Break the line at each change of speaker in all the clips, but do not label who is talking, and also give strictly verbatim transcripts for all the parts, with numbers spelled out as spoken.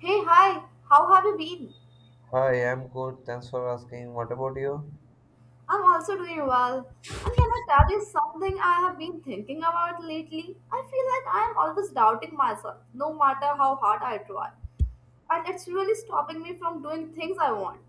Hey, hi, how have you been?
Hi, I'm good. Thanks for asking. What about you?
I'm also doing well. And can I tell you something I have been thinking about lately? I feel like I am always doubting myself, no matter how hard I try. And it's really stopping me from doing things I want.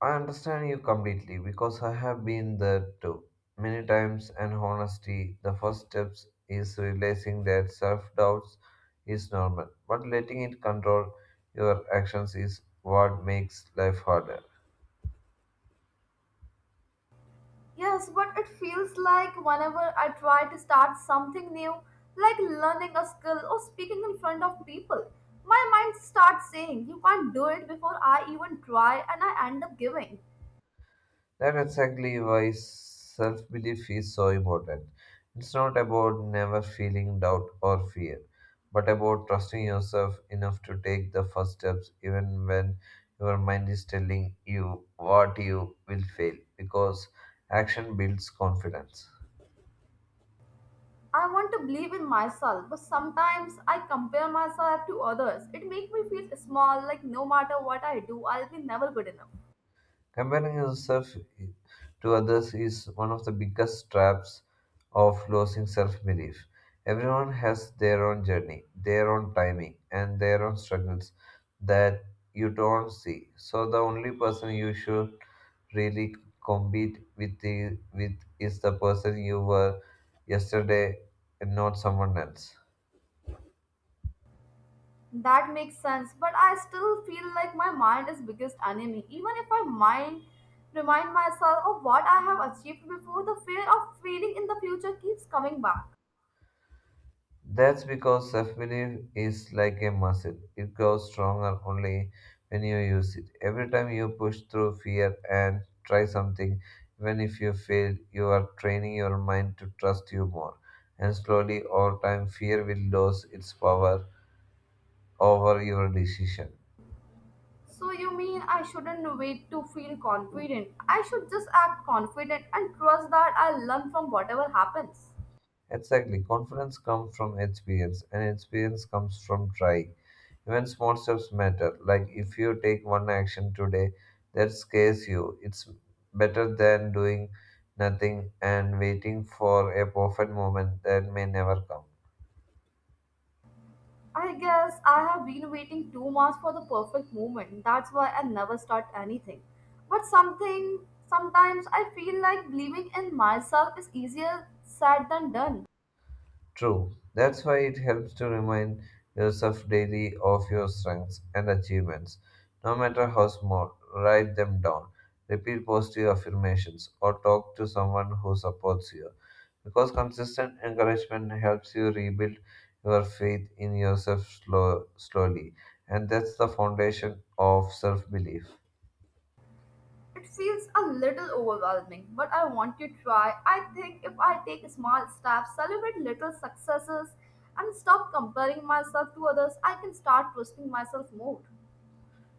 I understand you completely because I have been there too. Many times, and honestly, the first steps is realizing that self doubts is normal, but letting it control your actions is what makes life harder.
Yes, but it feels like whenever I try to start something new, like learning a skill or speaking in front of people, my mind starts saying, "You can't do it" before I even try, and I end up giving.
That's exactly why self belief is so important. It's not about never feeling doubt or fear, but about trusting yourself enough to take the first steps even when your mind is telling you what you will fail because action builds confidence.
I want to believe in myself, but sometimes I compare myself to others. It makes me feel small, like no matter what I do, I'll be never good enough.
Comparing yourself to others is one of the biggest traps of losing self belief. Everyone has their own journey, their own timing, and their own struggles that you don't see. So, the only person you should really compete with, the, with is the person you were yesterday and not someone else.
That makes sense, but I still feel like my mind is biggest enemy. Even if I mind remind myself of what I have achieved before, the fear of failing in the future keeps coming back.
That's because self belief is like a muscle. It grows stronger only when you use it. Every time you push through fear and try something, even if you fail, you are training your mind to trust you more. And slowly, over time, fear will lose its power over your decision.
So you mean I shouldn't wait to feel confident? I should just act confident and trust that I'll learn from whatever happens.
Exactly. Confidence comes from experience, and experience comes from trying. Even small steps matter. Like if you take one action today that scares you, it's better than doing nothing and waiting for a perfect moment that may never come.
I guess I have been waiting too much for the perfect moment. That's why I never start anything. But something, Sometimes I feel like believing in myself is easier said than done.
True. That's why it helps to remind yourself daily of your strengths and achievements, no matter how small. Write them down, repeat positive affirmations, or talk to someone who supports you. Because consistent encouragement helps you rebuild your faith in yourself slow, slowly, and that's the foundation of self belief.
It feels a little overwhelming, but I want to try. I think if I take small steps, celebrate little successes, and stop comparing myself to others, I can start trusting myself more.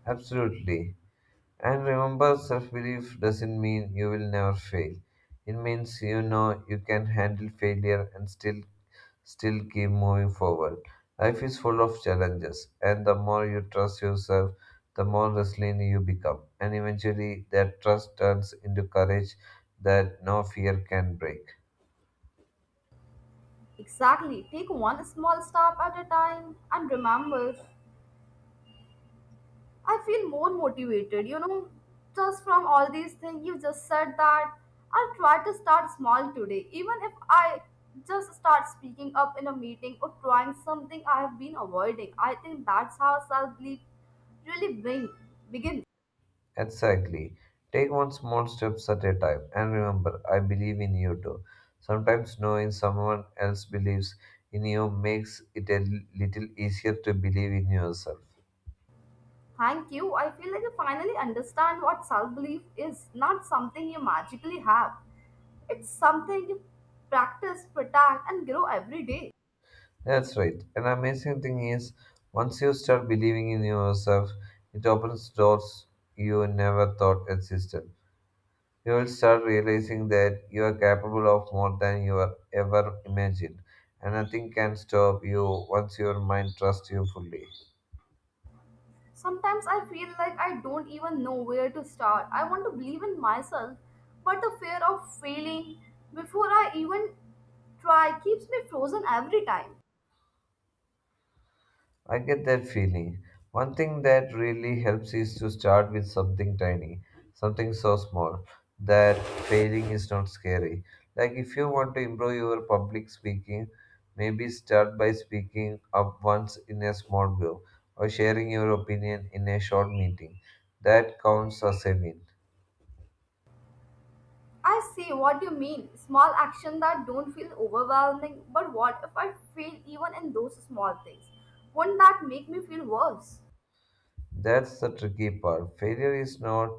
Absolutely. And remember, self belief doesn't mean you will never fail. It means you know you can handle failure and still still keep moving forward. Life is full of challenges, and the more you trust yourself, the more resilient you become. And eventually, that trust turns into courage that no fear can break.
Exactly. Take one small step at a time and remember I feel more motivated, you know, just from all these things you just said that I'll try to start small today, even if I just start speaking up in a meeting or trying something I have been avoiding. I think that's how self belief really bring, begin.
Exactly. Take one small steps at a time. And remember, I believe in you too. Sometimes knowing someone else believes in you makes it a little easier to believe in yourself.
Thank you. I feel like you finally understand what self belief is not something you magically have, it's something you practice, protect, and grow every day.
That's right. An amazing thing is, once you start believing in yourself, it opens doors you never thought existed. You will start realizing that you are capable of more than you are ever imagined, and nothing can stop you once your mind trusts you fully.
Sometimes I feel like I don't even know where to start. I want to believe in myself, but the fear of failing before I even try keeps me frozen every time.
I get that feeling. One thing that really helps is to start with something tiny, something so small that failing is not scary. Like if you want to improve your public speaking, maybe start by speaking up once in a small group or sharing your opinion in a short meeting. That counts as a win.
I see what you mean. Small action that don't feel overwhelming, but what if I fail even in those small things? Won't that make me feel worse?
That's the tricky part. Failure is not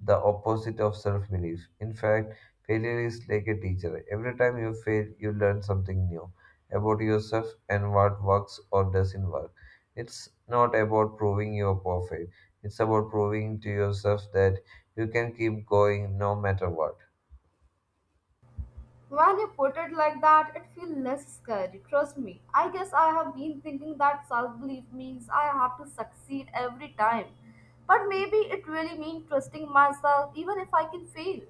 the opposite of self belief. In fact, failure is like a teacher. Every time you fail, you learn something new about yourself and what works or doesn't work. It's not about proving you're perfect, it's about proving to yourself that you can keep going no matter what.
When you put it like that, it feels less scary. Trust me. I guess I have been thinking that self belief means I have to succeed every time. But maybe it really means trusting myself even if I can fail.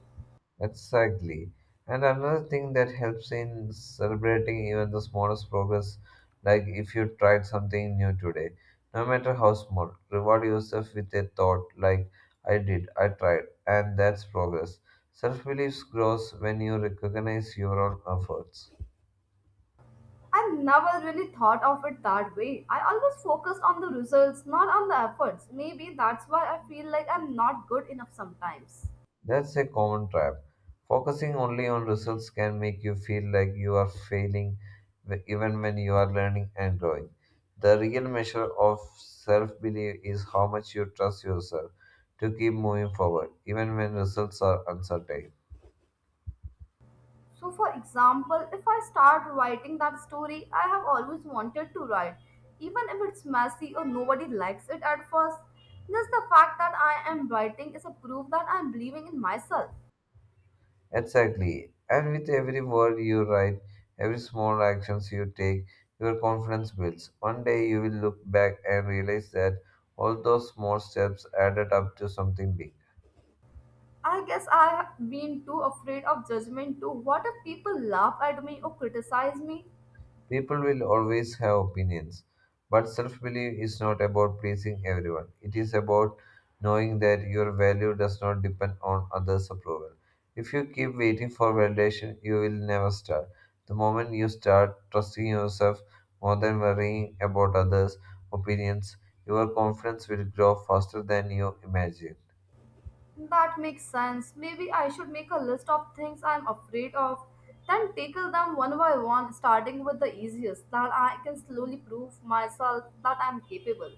Exactly. And another thing that helps in celebrating even the smallest progress, like if you tried something new today, no matter how small, reward yourself with a thought like, I did, I tried, and that's progress. Self belief grows when you recognize your own efforts.
I never really thought of it that way. I always focused on the results, not on the efforts. Maybe that's why I feel like I'm not good enough sometimes.
That's a common trap. Focusing only on results can make you feel like you are failing wh- even when you are learning and growing. The real measure of self belief is how much you trust yourself to keep moving forward, even when results are uncertain.
So, for example, if I start writing that story I have always wanted to write, even if it's messy or nobody likes it at first, just the fact that I am writing is a proof that I'm believing in myself.
Exactly. And with every word you write, every small actions you take, your confidence builds. One day you will look back and realize that all those small steps added up to something big.
I guess I have been too afraid of judgment too. What if people laugh at me or criticize me?
People will always have opinions, but self belief is not about pleasing everyone. It is about knowing that your value does not depend on others' approval. If you keep waiting for validation, you will never start. The moment you start trusting yourself more than worrying about others' opinions, your confidence will grow faster than you imagine.
That makes sense. Maybe I should make a list of things I'm afraid of, then tackle them one by one, starting with the easiest, that I can slowly prove myself that I'm capable.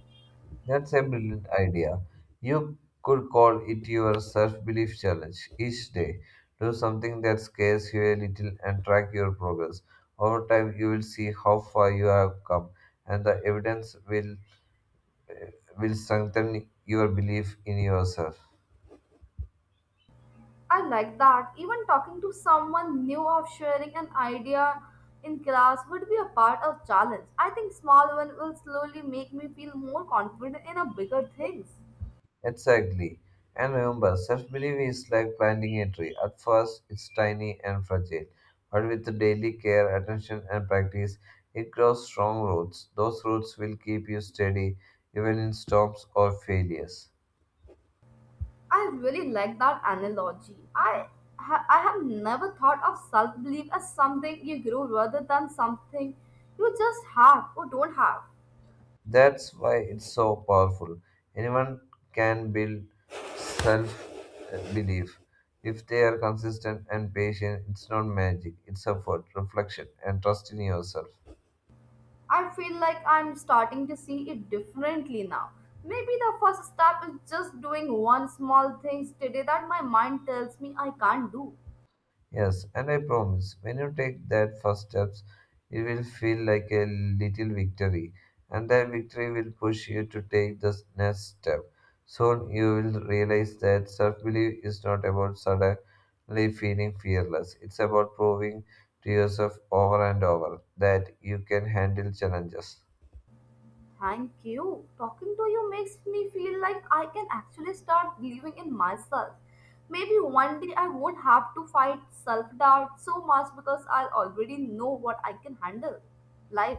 That's a brilliant idea. You could call it your self belief challenge. Each day, do something that scares you a little and track your progress. Over time, you will see how far you have come, and the evidence will, will strengthen your belief in yourself.
I like that. Even talking to someone new or sharing an idea in class would be a part of challenge. I think small one will slowly make me feel more confident in a bigger things.
Exactly. And remember, self belief is like planting a tree. At first, it's tiny and fragile, but with daily care, attention, and practice, it grows strong roots. Those roots will keep you steady even in storms or failures.
I really like that analogy. I ha- I have never thought of self belief as something you grow rather than something you just have or don't have.
That's why it's so powerful. Anyone can build self belief. If they are consistent and patient, it's not magic, it's effort, reflection, and trust in yourself.
I feel like I'm starting to see it differently now. Maybe the first step is just doing one small thing today that my mind tells me I can't do.
Yes, and I promise when you take that first steps, it will feel like a little victory, and that victory will push you to take the next step. Soon you will realize that self belief is not about suddenly feeling fearless, it's about proving to yourself over and over that you can handle challenges.
Thank you. Talking to you makes me feel like I can actually start believing in myself. Maybe one day I won't have to fight self doubt so much because I'll already know what I can handle. Life.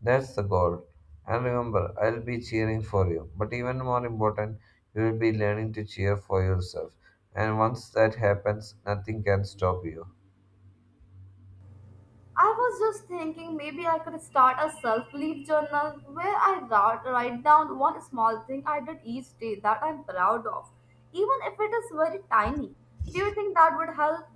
That's the goal. And remember, I'll be cheering for you. But even more important, you will be learning to cheer for yourself. And once that happens, nothing can stop you.
I was just thinking maybe I could start a self belief journal where I write, write down one small thing I did each day that I'm proud of, even if it is very tiny. Do you think that would help?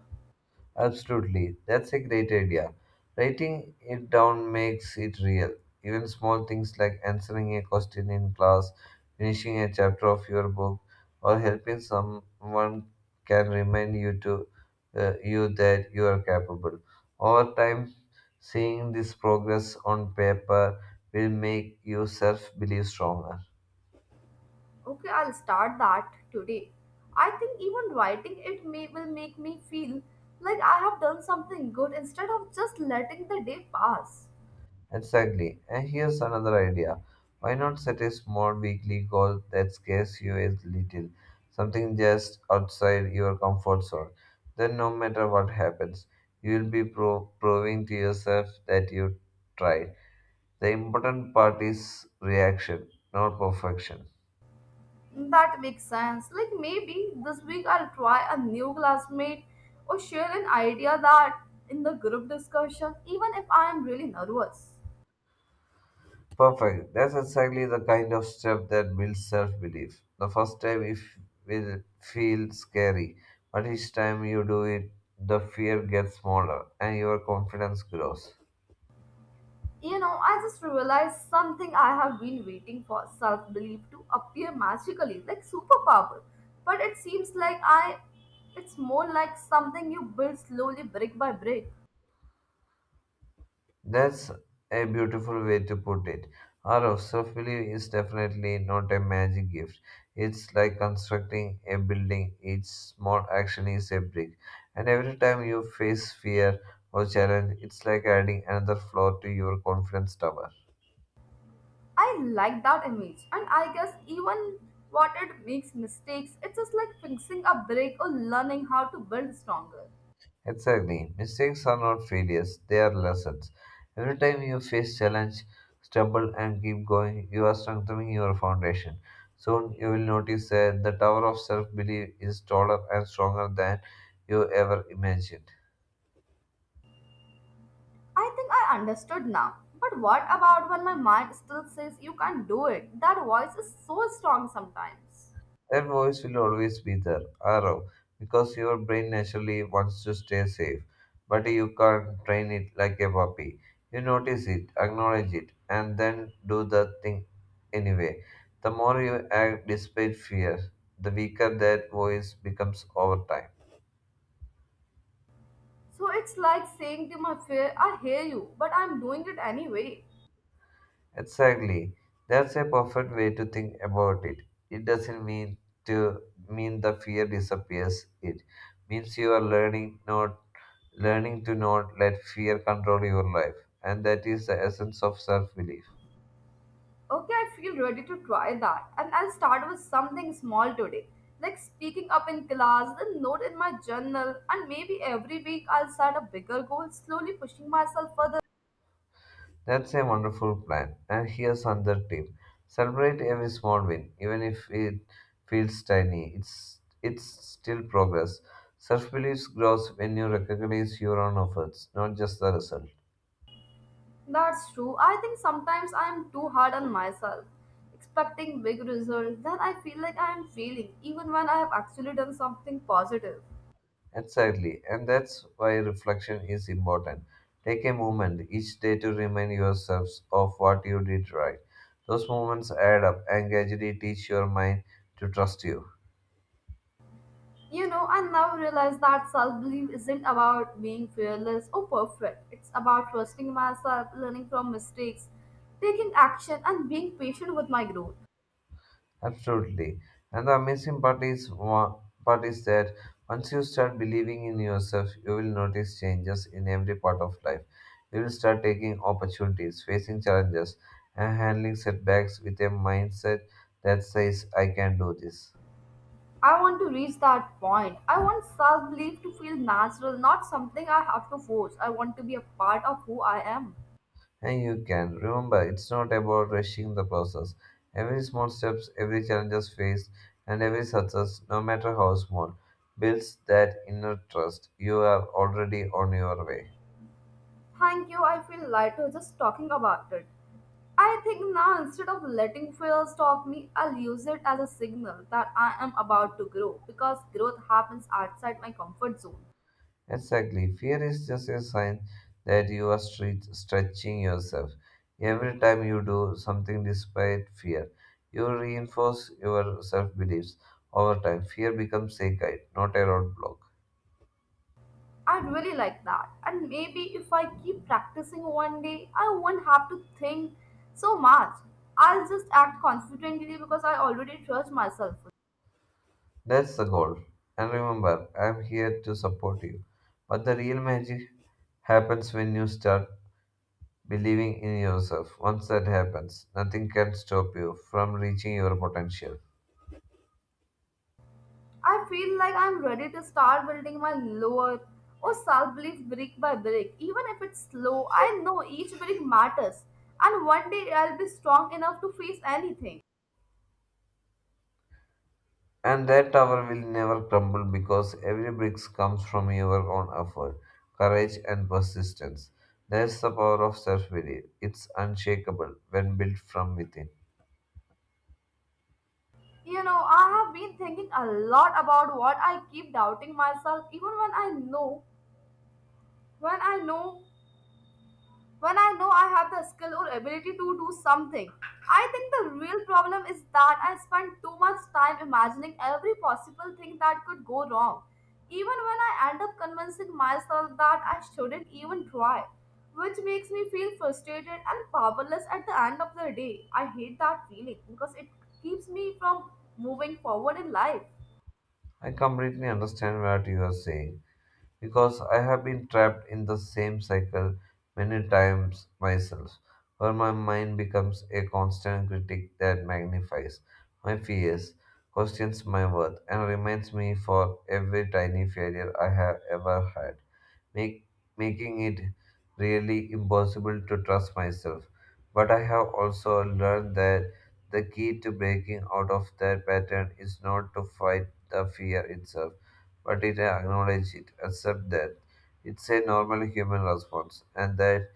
Absolutely, that's a great idea. Writing it down makes it real. Even small things like answering a question in class, finishing a chapter of your book, or helping someone can remind you to uh, you that you are capable. Over time, seeing this progress on paper will make you self belief stronger.
Okay, I'll start that today. I think even writing it may will make me feel like I have done something good instead of just letting the day pass.
Exactly. And here's another idea. Why not set a small weekly goal that scares you a little? Something just outside your comfort zone. Then, no matter what happens, you will be pro- proving to yourself that you tried. The important part is reaction, not perfection.
That makes sense. Like maybe this week I'll try a new classmate or share an idea that in the group discussion, even if I'm really nervous.
Perfect. That's exactly the kind of step that builds self belief. The first time it will feel scary, but each time you do it, the fear gets smaller and your confidence grows.
You know, I just realized something I have been waiting for self belief to appear magically, like superpower. But it seems like I it's more like something you build slowly brick by brick.
That's a beautiful way to put it. Our self belief is definitely not a magic gift. It's like constructing a building, each small action is a brick. And every time you face fear or challenge, it's like adding another floor to your confidence tower.
I like that image, and I guess even what it makes mistakes, it's just like fixing a break or learning how to build stronger.
Exactly. Mistakes are not failures, they are lessons. Every time you face challenge, stumble and keep going, you are strengthening your foundation. Soon you will notice that the tower of self-belief is taller and stronger than you ever imagined.
I think I understood now. But what about when my mind still says you can't do it? That voice is so strong sometimes.
That voice will always be there, arrow, because your brain naturally wants to stay safe. But you can't train it like a puppy. You notice it, acknowledge it, and then do the thing anyway. The more you act despite fear, the weaker that voice becomes over time.
So it's like saying to my fear, "I hear you, but I'm doing it anyway."
Exactly. That's a perfect way to think about it. It doesn't mean to mean the fear disappears. It means you are learning not learning to not let fear control your life, and that is the essence of self belief.
Okay, I feel ready to try that. And I'll start with something small today, like speaking up in class, then note in my journal, and maybe every week I'll set a bigger goal, slowly pushing myself further.
That's a wonderful plan. And here's another tip celebrate every small win, even if it feels tiny, it's, it's still progress. Self belief grows when you recognize your own efforts, not just the result.
That's true. I think sometimes I am too hard on myself, expecting big results. Then I feel like I am failing, even when I have actually done something positive.
Exactly, and that's why reflection is important. Take a moment each day to remind yourselves of what you did right. Those moments add up and gradually teach your mind to trust you.
You know, I now realize that self belief isn't about being fearless or perfect. It's about trusting myself, learning from mistakes, taking action, and being patient with my growth.
Absolutely. And the amazing part is, wa- part is that once you start believing in yourself, you will notice changes in every part of life. You will start taking opportunities, facing challenges, and handling setbacks with a mindset that says, I can do this.
I want to reach that point. I want self belief to feel natural, not something I have to force. I want to be a part of who I am.
And you can. Remember, it's not about rushing the process. Every small steps, every challenges faced, and every success, no matter how small, builds that inner trust. You are already on your way.
Thank you, I feel lighter just talking about it. I think now instead of letting fear stop me, I'll use it as a signal that I am about to grow because growth happens outside my comfort zone.
Exactly. Fear is just a sign that you are stre- stretching yourself. Every time you do something despite fear, you reinforce your self beliefs. Over time, fear becomes a guide, not a roadblock.
I really like that. And maybe if I keep practicing one day, I won't have to think so much. I'll just act confidently because I already trust myself.
That's the goal. And remember, I'm here to support you. But the real magic happens when you start believing in yourself. Once that happens, nothing can stop you from reaching your potential.
I feel like I'm ready to start building my lower or self belief brick by brick. Even if it's slow, I know each brick matters, and one day I'll be strong enough to face anything.
And that tower will never crumble because every brick comes from your own effort, courage, and persistence. That's the power of self belief. It's unshakable when built from within.
You know, I have been thinking a lot about what I keep doubting myself, even when I know, when I know when I know I have the skill or ability to do something. I think the real problem is that I spend too much time imagining every possible thing that could go wrong, even when I end up convincing myself that I shouldn't even try, which makes me feel frustrated and powerless at the end of the day. I hate that feeling because it keeps me from moving forward in life.
I completely understand what you are saying. Because I have been trapped in the same cycle many times myself, where my mind becomes a constant critic that magnifies my fears, questions my worth, and reminds me for every tiny failure I have ever had make, making it really impossible to trust myself. But I have also learned that the key to breaking out of that pattern is not to fight the fear itself, but to acknowledge it, accept that it's a normal human response, and that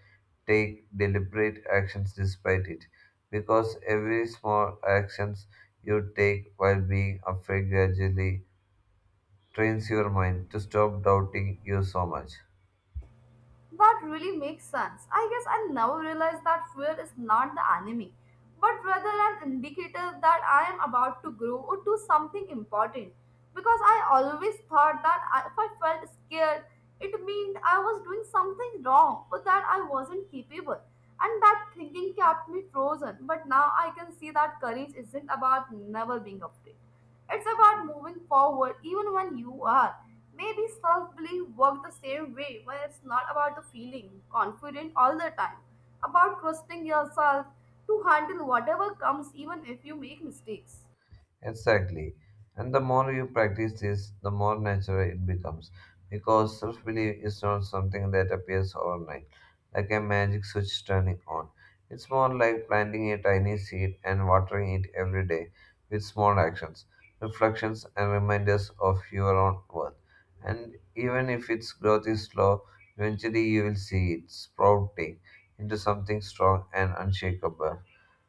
take deliberate actions despite it. Because every small actions you take while being afraid gradually trains your mind to stop doubting you so much.
That really makes sense. I guess I never realized that fear is not the enemy, but rather an indicator that I am about to grow or do something important. Because I always thought that I- if I felt scared, it meant I was doing something wrong or that I wasn't capable. And that thinking kept me frozen. But now I can see that courage isn't about never being afraid. It's about moving forward even when you are. Maybe self belief works the same way when it's not about the feeling confident all the time, about trusting yourself to handle whatever comes even if you make mistakes.
Exactly. And the more you practice this, the more natural it becomes. Because self belief is not something that appears overnight, like a magic switch turning on. It's more like planting a tiny seed and watering it every day with small actions, reflections, and reminders of your own worth. And even if its growth is slow, eventually you will see it sprouting into something strong and unshakable.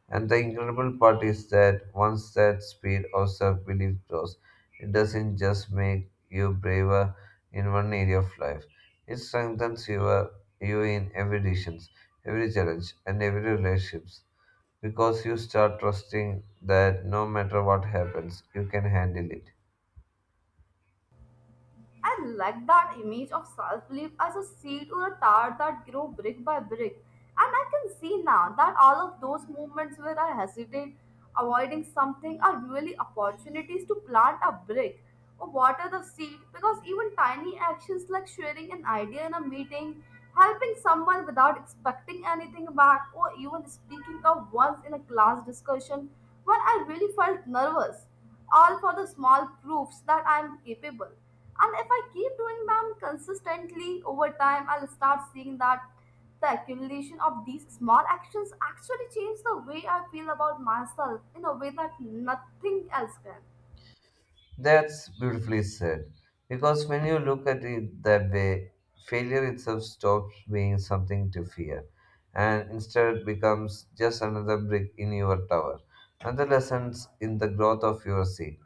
And the incredible part is that once that speed of self belief grows, it doesn't just make you braver in one area of life, it strengthens your, you in every decision, every challenge, and every relationships because you start trusting that no matter what happens, you can handle it.
I like that image of self belief as a seed or a tower that grow brick by brick. And I can see now that all of those moments where I hesitate, avoiding something, are really opportunities to plant a brick or water the seed because even tiny actions like sharing an idea in a meeting, helping someone without expecting anything back, or even speaking up once in a class discussion when I really felt nervous all for the small proofs that I am capable. And if I keep doing them consistently over time, I'll start seeing that the accumulation of these small actions actually change the way I feel about myself in a way that nothing else can.
That's beautifully said. Because when you look at it that way, failure itself stops being something to fear and instead becomes just another brick in your tower, another lesson in the growth of your seed.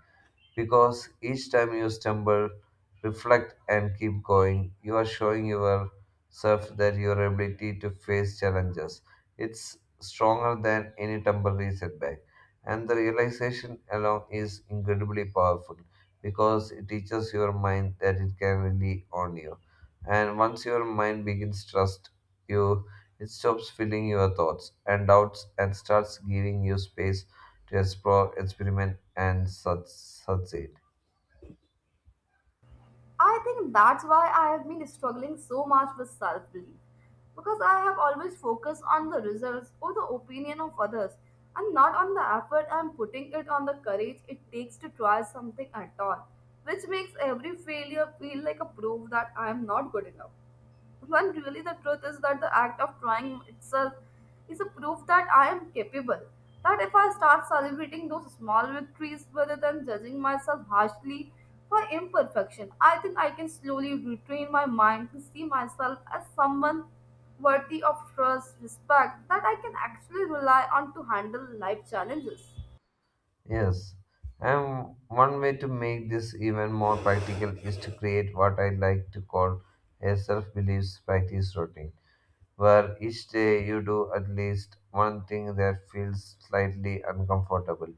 Because each time you stumble, reflect, and keep going, you are showing yourself that your ability to face challenges it's stronger than any temporary setback. And the realization alone is incredibly powerful because it teaches your mind that it can rely on you. And once your mind begins trust you, it stops filling your thoughts and doubts and starts giving you space to explore, experiment, and such succeed.
I think that's why I have been struggling so much with self belief because I have always focused on the results or the opinion of others and not on the effort I'm putting it on the courage it takes to try something at all, which makes every failure feel like a proof that I am not good enough. When really the truth is that the act of trying itself is a proof that I am capable. That if I start celebrating those small victories rather than judging myself harshly for imperfection, I think I can slowly retrain my mind to see myself as someone worthy of trust, respect, that I can actually rely on to handle life challenges.
Yes, and one way to make this even more practical is to create what I like to call a self-beliefs practice routine, where each day you do at least one thing that feels slightly uncomfortable.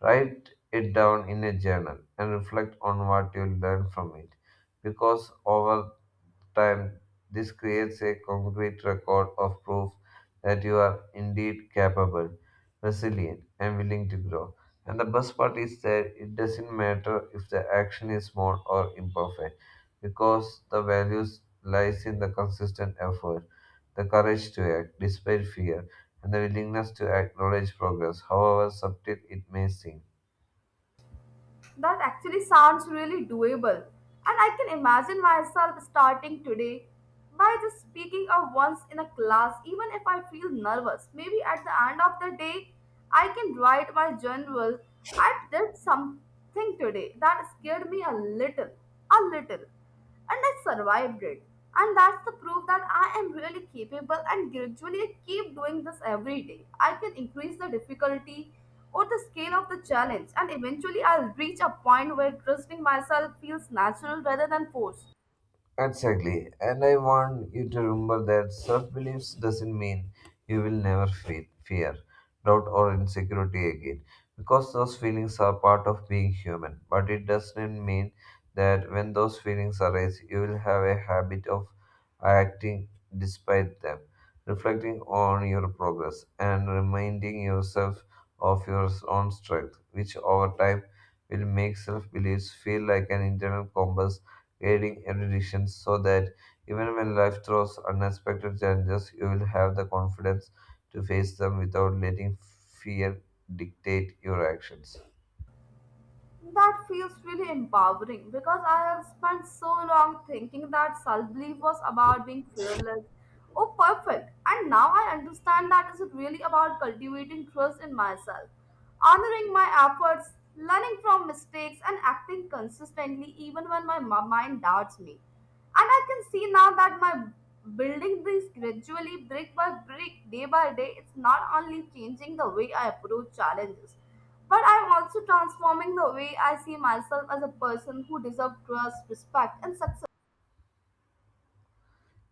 Write it down in a journal and reflect on what you learned from it, because over time, this creates a concrete record of proof that you are indeed capable, resilient, and willing to grow. And the best part is that it doesn't matter if the action is small or imperfect, because the values lies in the consistent effort, the courage to act despite fear, and the willingness to acknowledge progress, however subtle it may seem.
That actually sounds really doable, and I can imagine myself starting today by just speaking up once in a class, even if I feel nervous. Maybe at the end of the day, I can write my journal. I did something today that scared me a little, a little, and I survived it. And that's the proof that I am really capable, and gradually I keep doing this every day. I can increase the difficulty or the scale of the challenge, and eventually I'll reach a point where trusting myself feels natural rather than forced.
Exactly. And I want you to remember that self beliefs doesn't mean you will never feel fear, doubt, or insecurity again, because those feelings are part of being human. But it doesn't mean that when those feelings arise, you will have a habit of acting despite them, reflecting on your progress, and reminding yourself of your own strength, which over time will make self beliefs feel like an internal compass guiding erudition, so that even when life throws unexpected challenges, you will have the confidence to face them without letting fear dictate your actions.
That feels really empowering because I have spent so long thinking that self belief was about being fearless or perfect, and now I understand that it's really about cultivating trust in myself, honoring my efforts, learning from mistakes, and acting consistently even when my mi- mind doubts me. And I can see now that my building this gradually, brick by brick, day by day, it's not only changing the way I approach challenges. But I'm also transforming the way I see myself as a person who deserves trust, respect, and success.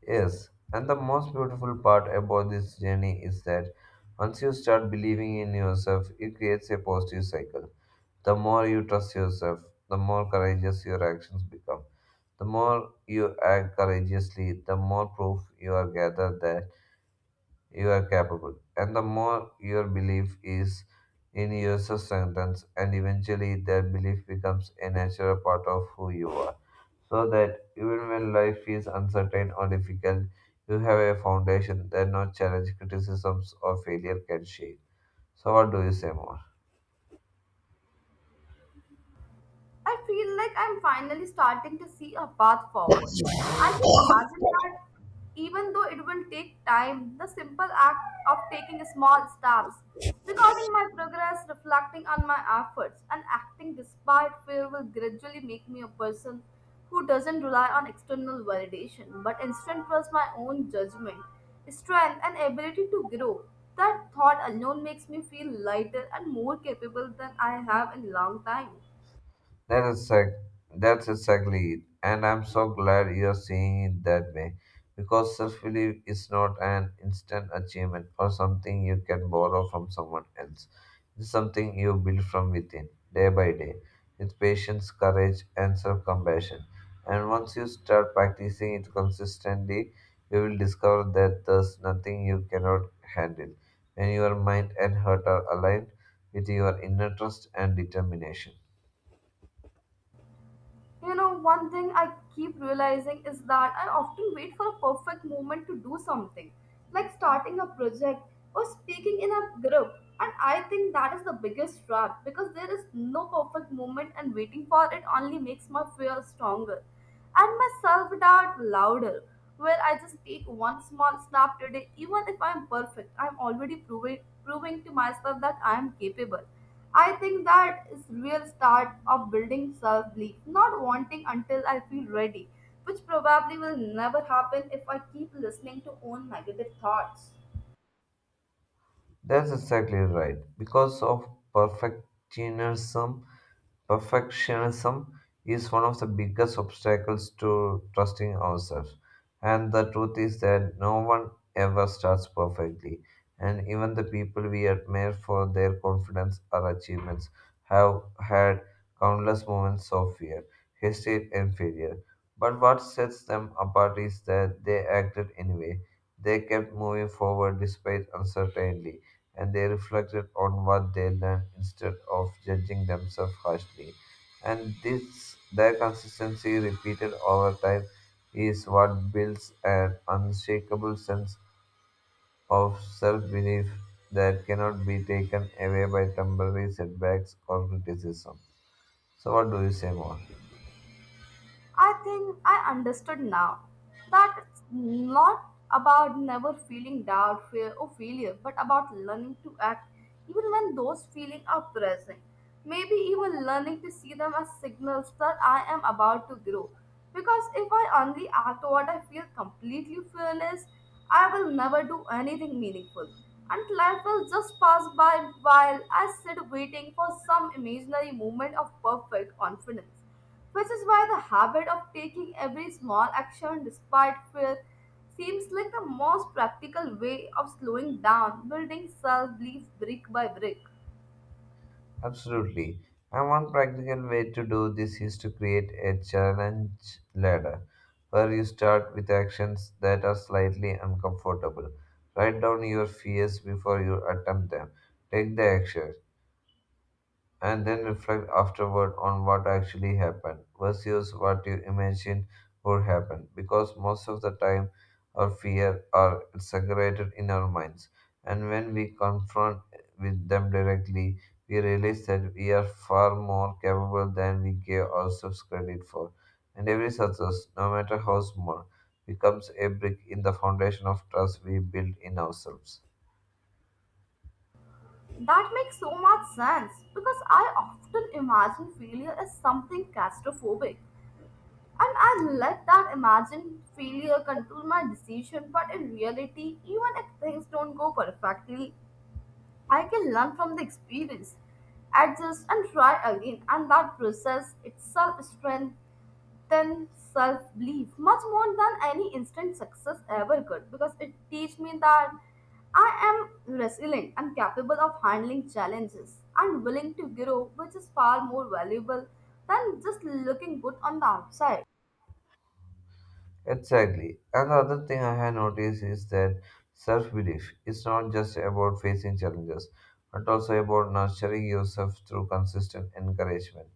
Yes, and the most beautiful part about this journey is that once you start believing in yourself, it creates a positive cycle. The more you trust yourself, the more courageous your actions become. The more you act courageously, the more proof you are gathered that you are capable, and the more your belief is in yourself strengthens, and eventually that belief becomes a natural part of who you are. So that even when life feels uncertain or difficult, you have a foundation that no challenge, criticisms, or failure can shake. So, what do you say more?
I feel like I'm finally starting to see a path forward. I can imagine that even though it will take time, the simple act of taking small steps, recording my progress, reflecting on my efforts, and acting despite fear will gradually make me a person who doesn't rely on external validation but instead trusts my own judgment, strength, and ability to grow. That thought alone makes me feel lighter and more capable than I have in long time.
That is exact, that's exactly it. And I'm so glad you're seeing it that way. Because self belief is not an instant achievement or something you can borrow from someone else. It's something you build from within, day by day, with patience, courage, and self compassion. And once you start practicing it consistently, you will discover that there's nothing you cannot handle when your mind and heart are aligned with your inner trust and determination.
You know, one thing I keep realizing is that I often wait for a perfect moment to do something, like starting a project or speaking in a group. And I think that is the biggest trap because there is no perfect moment, and waiting for it only makes my fear stronger and my self doubt louder. Where I just take one small step today, even if I'm perfect, I'm already proving, proving to myself that I am capable. I think that is real start of building self-belief, not wanting until I feel ready, which probably will never happen if I keep listening to own negative thoughts.
That's exactly right. Because of perfectionism, Perfectionism is one of the biggest obstacles to trusting ourselves. And the truth is that no one ever starts perfectly. And even the people we admire for their confidence or achievements have had countless moments of fear, hesitate, and failure. But what sets them apart is that they acted anyway. They kept moving forward despite uncertainty and they reflected on what they learned instead of judging themselves harshly. And this, their consistency repeated over time, is what builds an unshakable sense of self belief that cannot be taken away by temporary setbacks or criticism. So, what do you say more?
I think I understood now that it's not about never feeling doubt, fear, or failure, but about learning to act even when those feelings are present. Maybe even learning to see them as signals that I am about to grow. Because if I only act what I feel completely fearless, I will never do anything meaningful and life will just pass by while I sit waiting for some imaginary moment of perfect confidence, which is why the habit of taking every small action despite fear seems like the most practical way of slowing down, building self belief brick by brick.
Absolutely. And one practical way to do this is to create a challenge ladder where you start with actions that are slightly uncomfortable. Write down your fears before you attempt them. Take the action and then reflect afterward on what actually happened versus what you imagine would happen, because most of the time our fear are exaggerated in our minds, and when we confront with them directly we realize that we are far more capable than we gave ourselves credit for, and every success no matter how small becomes a brick in the foundation of trust we build in ourselves.
That makes so much sense because I often imagine failure as something claustrophobic. And I let that imagined failure control my decision, but in reality, even if things don't go perfectly, I can learn from the experience, adjust, and try again. And that process itself strengthens self belief much more than any instant success ever could because it teaches me that I am resilient and capable of handling challenges and willing to grow, which is far more valuable than just looking good on the outside.
Exactly. Another thing I have noticed is that self belief is not just about facing challenges, but also about nurturing yourself through consistent encouragement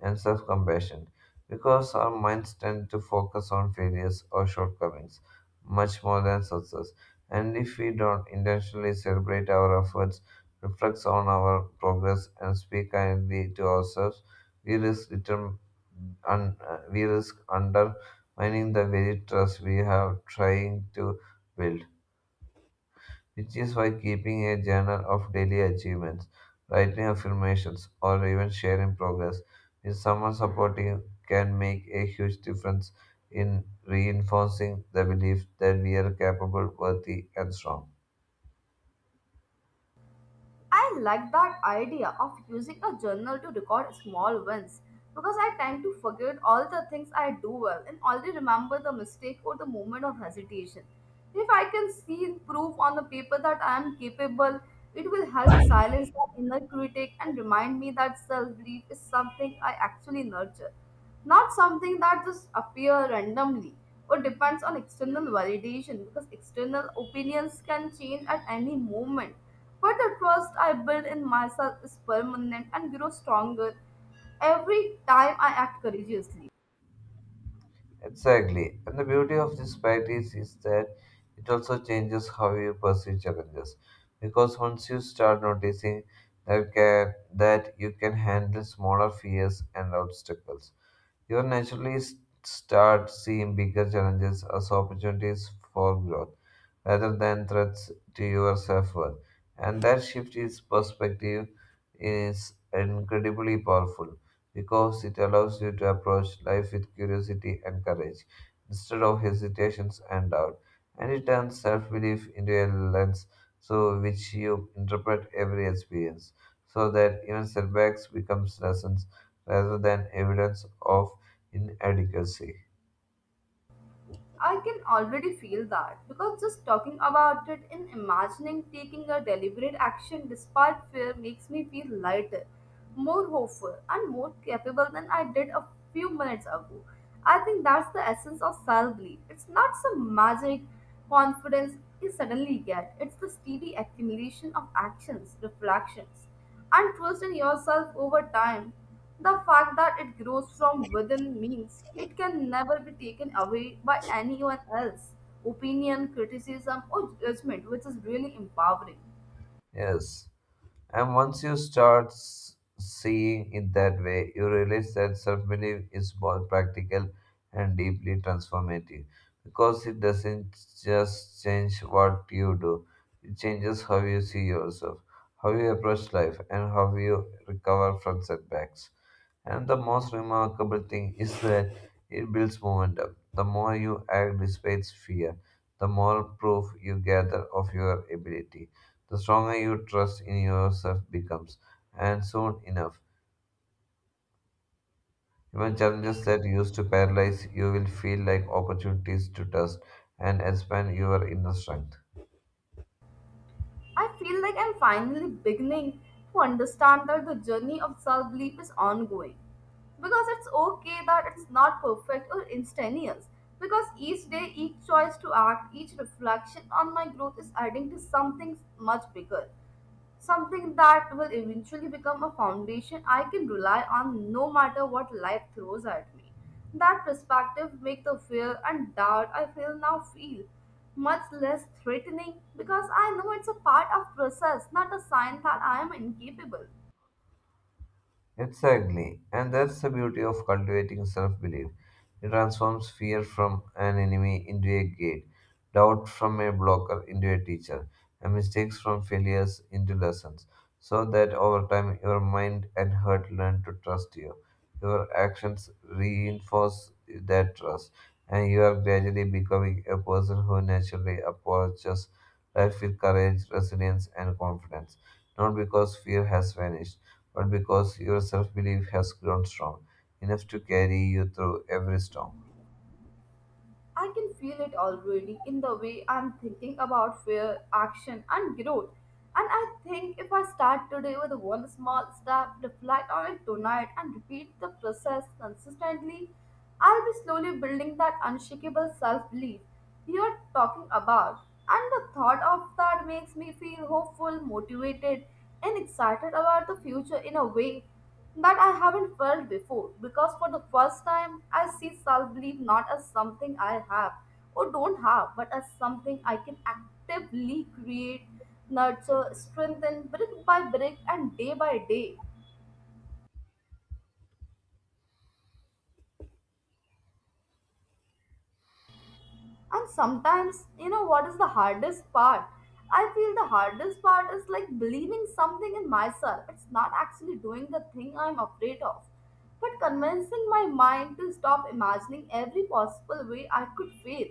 and self compassion. Because our minds tend to focus on failures or shortcomings much more than success, and if we don't intentionally celebrate our efforts, reflect on our progress, and speak kindly to ourselves, we risk deter- un- uh, we risk undermining the very trust we have trying to build, which is why keeping a journal of daily achievements, writing affirmations, or even sharing progress with someone supporting can make a huge difference in reinforcing the belief that we are capable, worthy, and strong.
I like that idea of using a journal to record small wins because I tend to forget all the things I do well and only remember the mistake or the moment of hesitation. If I can see proof on the paper that I am capable, it will help silence that inner critic and remind me that self belief is something I actually nurture, not something that just appears randomly or depends on external validation because external opinions can change at any moment but the trust I build in myself is permanent and grows stronger every time I act courageously.
Exactly. And the beauty of this practice is that it also changes how you perceive challenges. Because once you start noticing that, can, that you can handle smaller fears and obstacles, you will naturally s- start seeing bigger challenges as opportunities for growth rather than threats to your self worth. And that shift in perspective is incredibly powerful because it allows you to approach life with curiosity and courage instead of hesitations and doubt. And it turns self belief into a lens through which you interpret every experience so that even setbacks becomes lessons rather than evidence of inadequacy.
I can already feel that because just talking about it and imagining taking a deliberate action despite fear makes me feel lighter, more hopeful, and more capable than I did a few minutes ago. I think that's the essence of self belief. It's not some magic confidence you suddenly get, it's the steady accumulation of actions, reflections and trust in yourself over time. The fact that it grows from within means it can never be taken away by anyone else, opinion, criticism, or judgment, which is really empowering.
Yes. And once you start s- seeing it that way, you realize that self belief is both practical and deeply transformative because it doesn't just change what you do, it changes how you see yourself, how you approach life, and how you recover from setbacks. And the most remarkable thing is that it builds momentum. The more you act despite fear, the more proof you gather of your ability. The stronger your trust in yourself becomes. And soon enough, even challenges that used to paralyze you will feel like opportunities to test and expand your inner strength.
I feel like I'm finally beginning to understand that the journey of self belief is ongoing because it's okay that it's not perfect or instantaneous. Because each day, each choice to act, each reflection on my growth is adding to something much bigger. Something that will eventually become a foundation I can rely on no matter what life throws at me. That perspective makes the fear and doubt I feel now feel much less threatening because I know it's a part of process, not a sign that I am incapable.
Exactly. And that's the beauty of cultivating self belief. It transforms fear from an enemy into a gate, doubt from a blocker into a teacher, and mistakes from failures into lessons, so that over time your mind and heart learn to trust you. Your actions reinforce that trust, and you are gradually becoming a person who naturally approaches life with courage, resilience, and confidence, not because fear has vanished, but because your self belief has grown strong enough to carry you through every storm.
I can feel it already in the way I'm thinking about fear, action, and growth. And I think if I start today with one small step, reflect on it tonight, and repeat the process consistently, I'll be slowly building that unshakable self belief you're talking about. And the thought of that makes me feel hopeful, motivated, and excited about the future in a way that I haven't felt before because for the first time I see self belief not as something I have or don't have, but as something I can actively create, nurture, strengthen brick by brick and day by day. And sometimes, you know what is the hardest part? I feel the hardest part is like believing something in myself. It's not actually doing the thing I'm afraid of, but convincing my mind to stop imagining every possible way I could fail.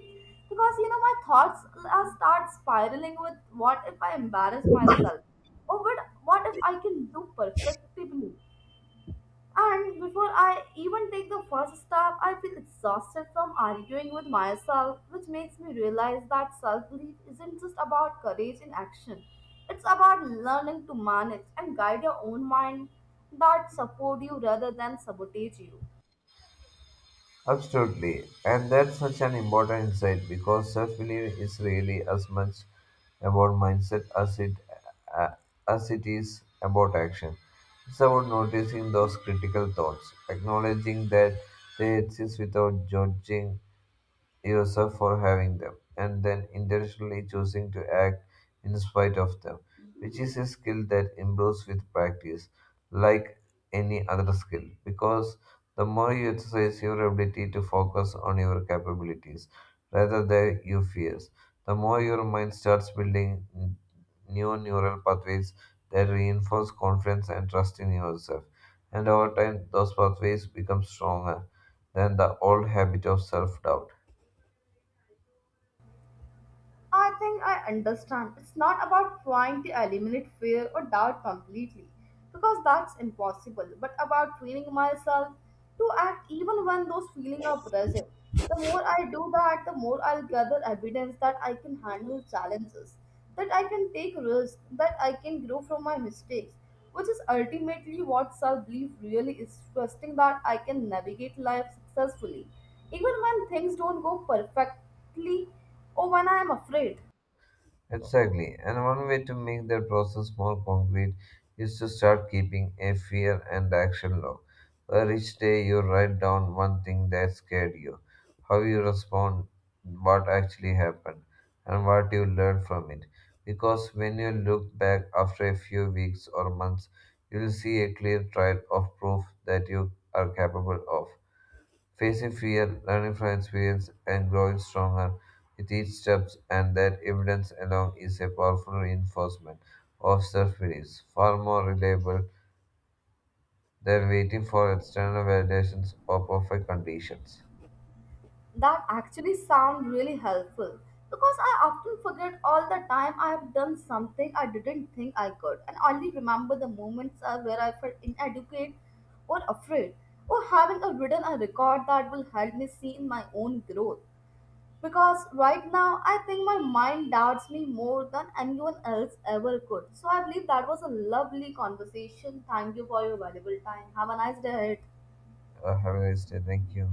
Because you know, my thoughts uh, start spiraling with what if I embarrass myself? Or what, what if I can do perfectly? And before I even take the first step, I feel exhausted from arguing with myself, which makes me realize that self belief isn't just about courage in action. It's about learning to manage and guide your own mind that support you rather than sabotage you.
Absolutely, and that's such an important insight because self belief is really as much about mindset as it uh, as it is about action. It's about noticing those critical thoughts, acknowledging that they exist without judging yourself for having them, and then intentionally choosing to act in spite of them, which is a skill that improves with practice, like any other skill, because the more you exercise your ability to focus on your capabilities rather than your fears, the more your mind starts building n- new neural pathways that reinforce confidence and trust in yourself. And over time, those pathways become stronger than the old habit of self doubt.
I think I understand. It's not about trying to eliminate fear or doubt completely, because that's impossible, but about training myself to act even when those feelings are present. The more I do that, the more I'll gather evidence that I can handle challenges, that I can take risks, that I can grow from my mistakes, which is ultimately what self belief really is trusting that I can navigate life successfully, even when things don't go perfectly or when I am afraid.
Exactly. And one way to make that process more concrete is to start keeping a fear and action log, where each day you write down one thing that scared you, how you respond, what actually happened, and what you learned from it. Because when you look back after a few weeks or months, you'll see a clear trail of proof that you are capable of facing fear, learning from experience, and growing stronger with each step, and that evidence alone is a powerful reinforcement of self beliefs, far more reliable than waiting for external validations or perfect conditions.
That actually sounds really helpful because I often forget all the time I have done something I didn't think I could and only remember the moments uh, where I felt inadequate or afraid. Or having a written a record that will help me see in my own growth. Because right now I think my mind doubts me more than anyone else ever could. So I believe that was a lovely conversation. Thank you for your valuable time. Have a nice day ahead.
Uh, have a nice day. Thank you.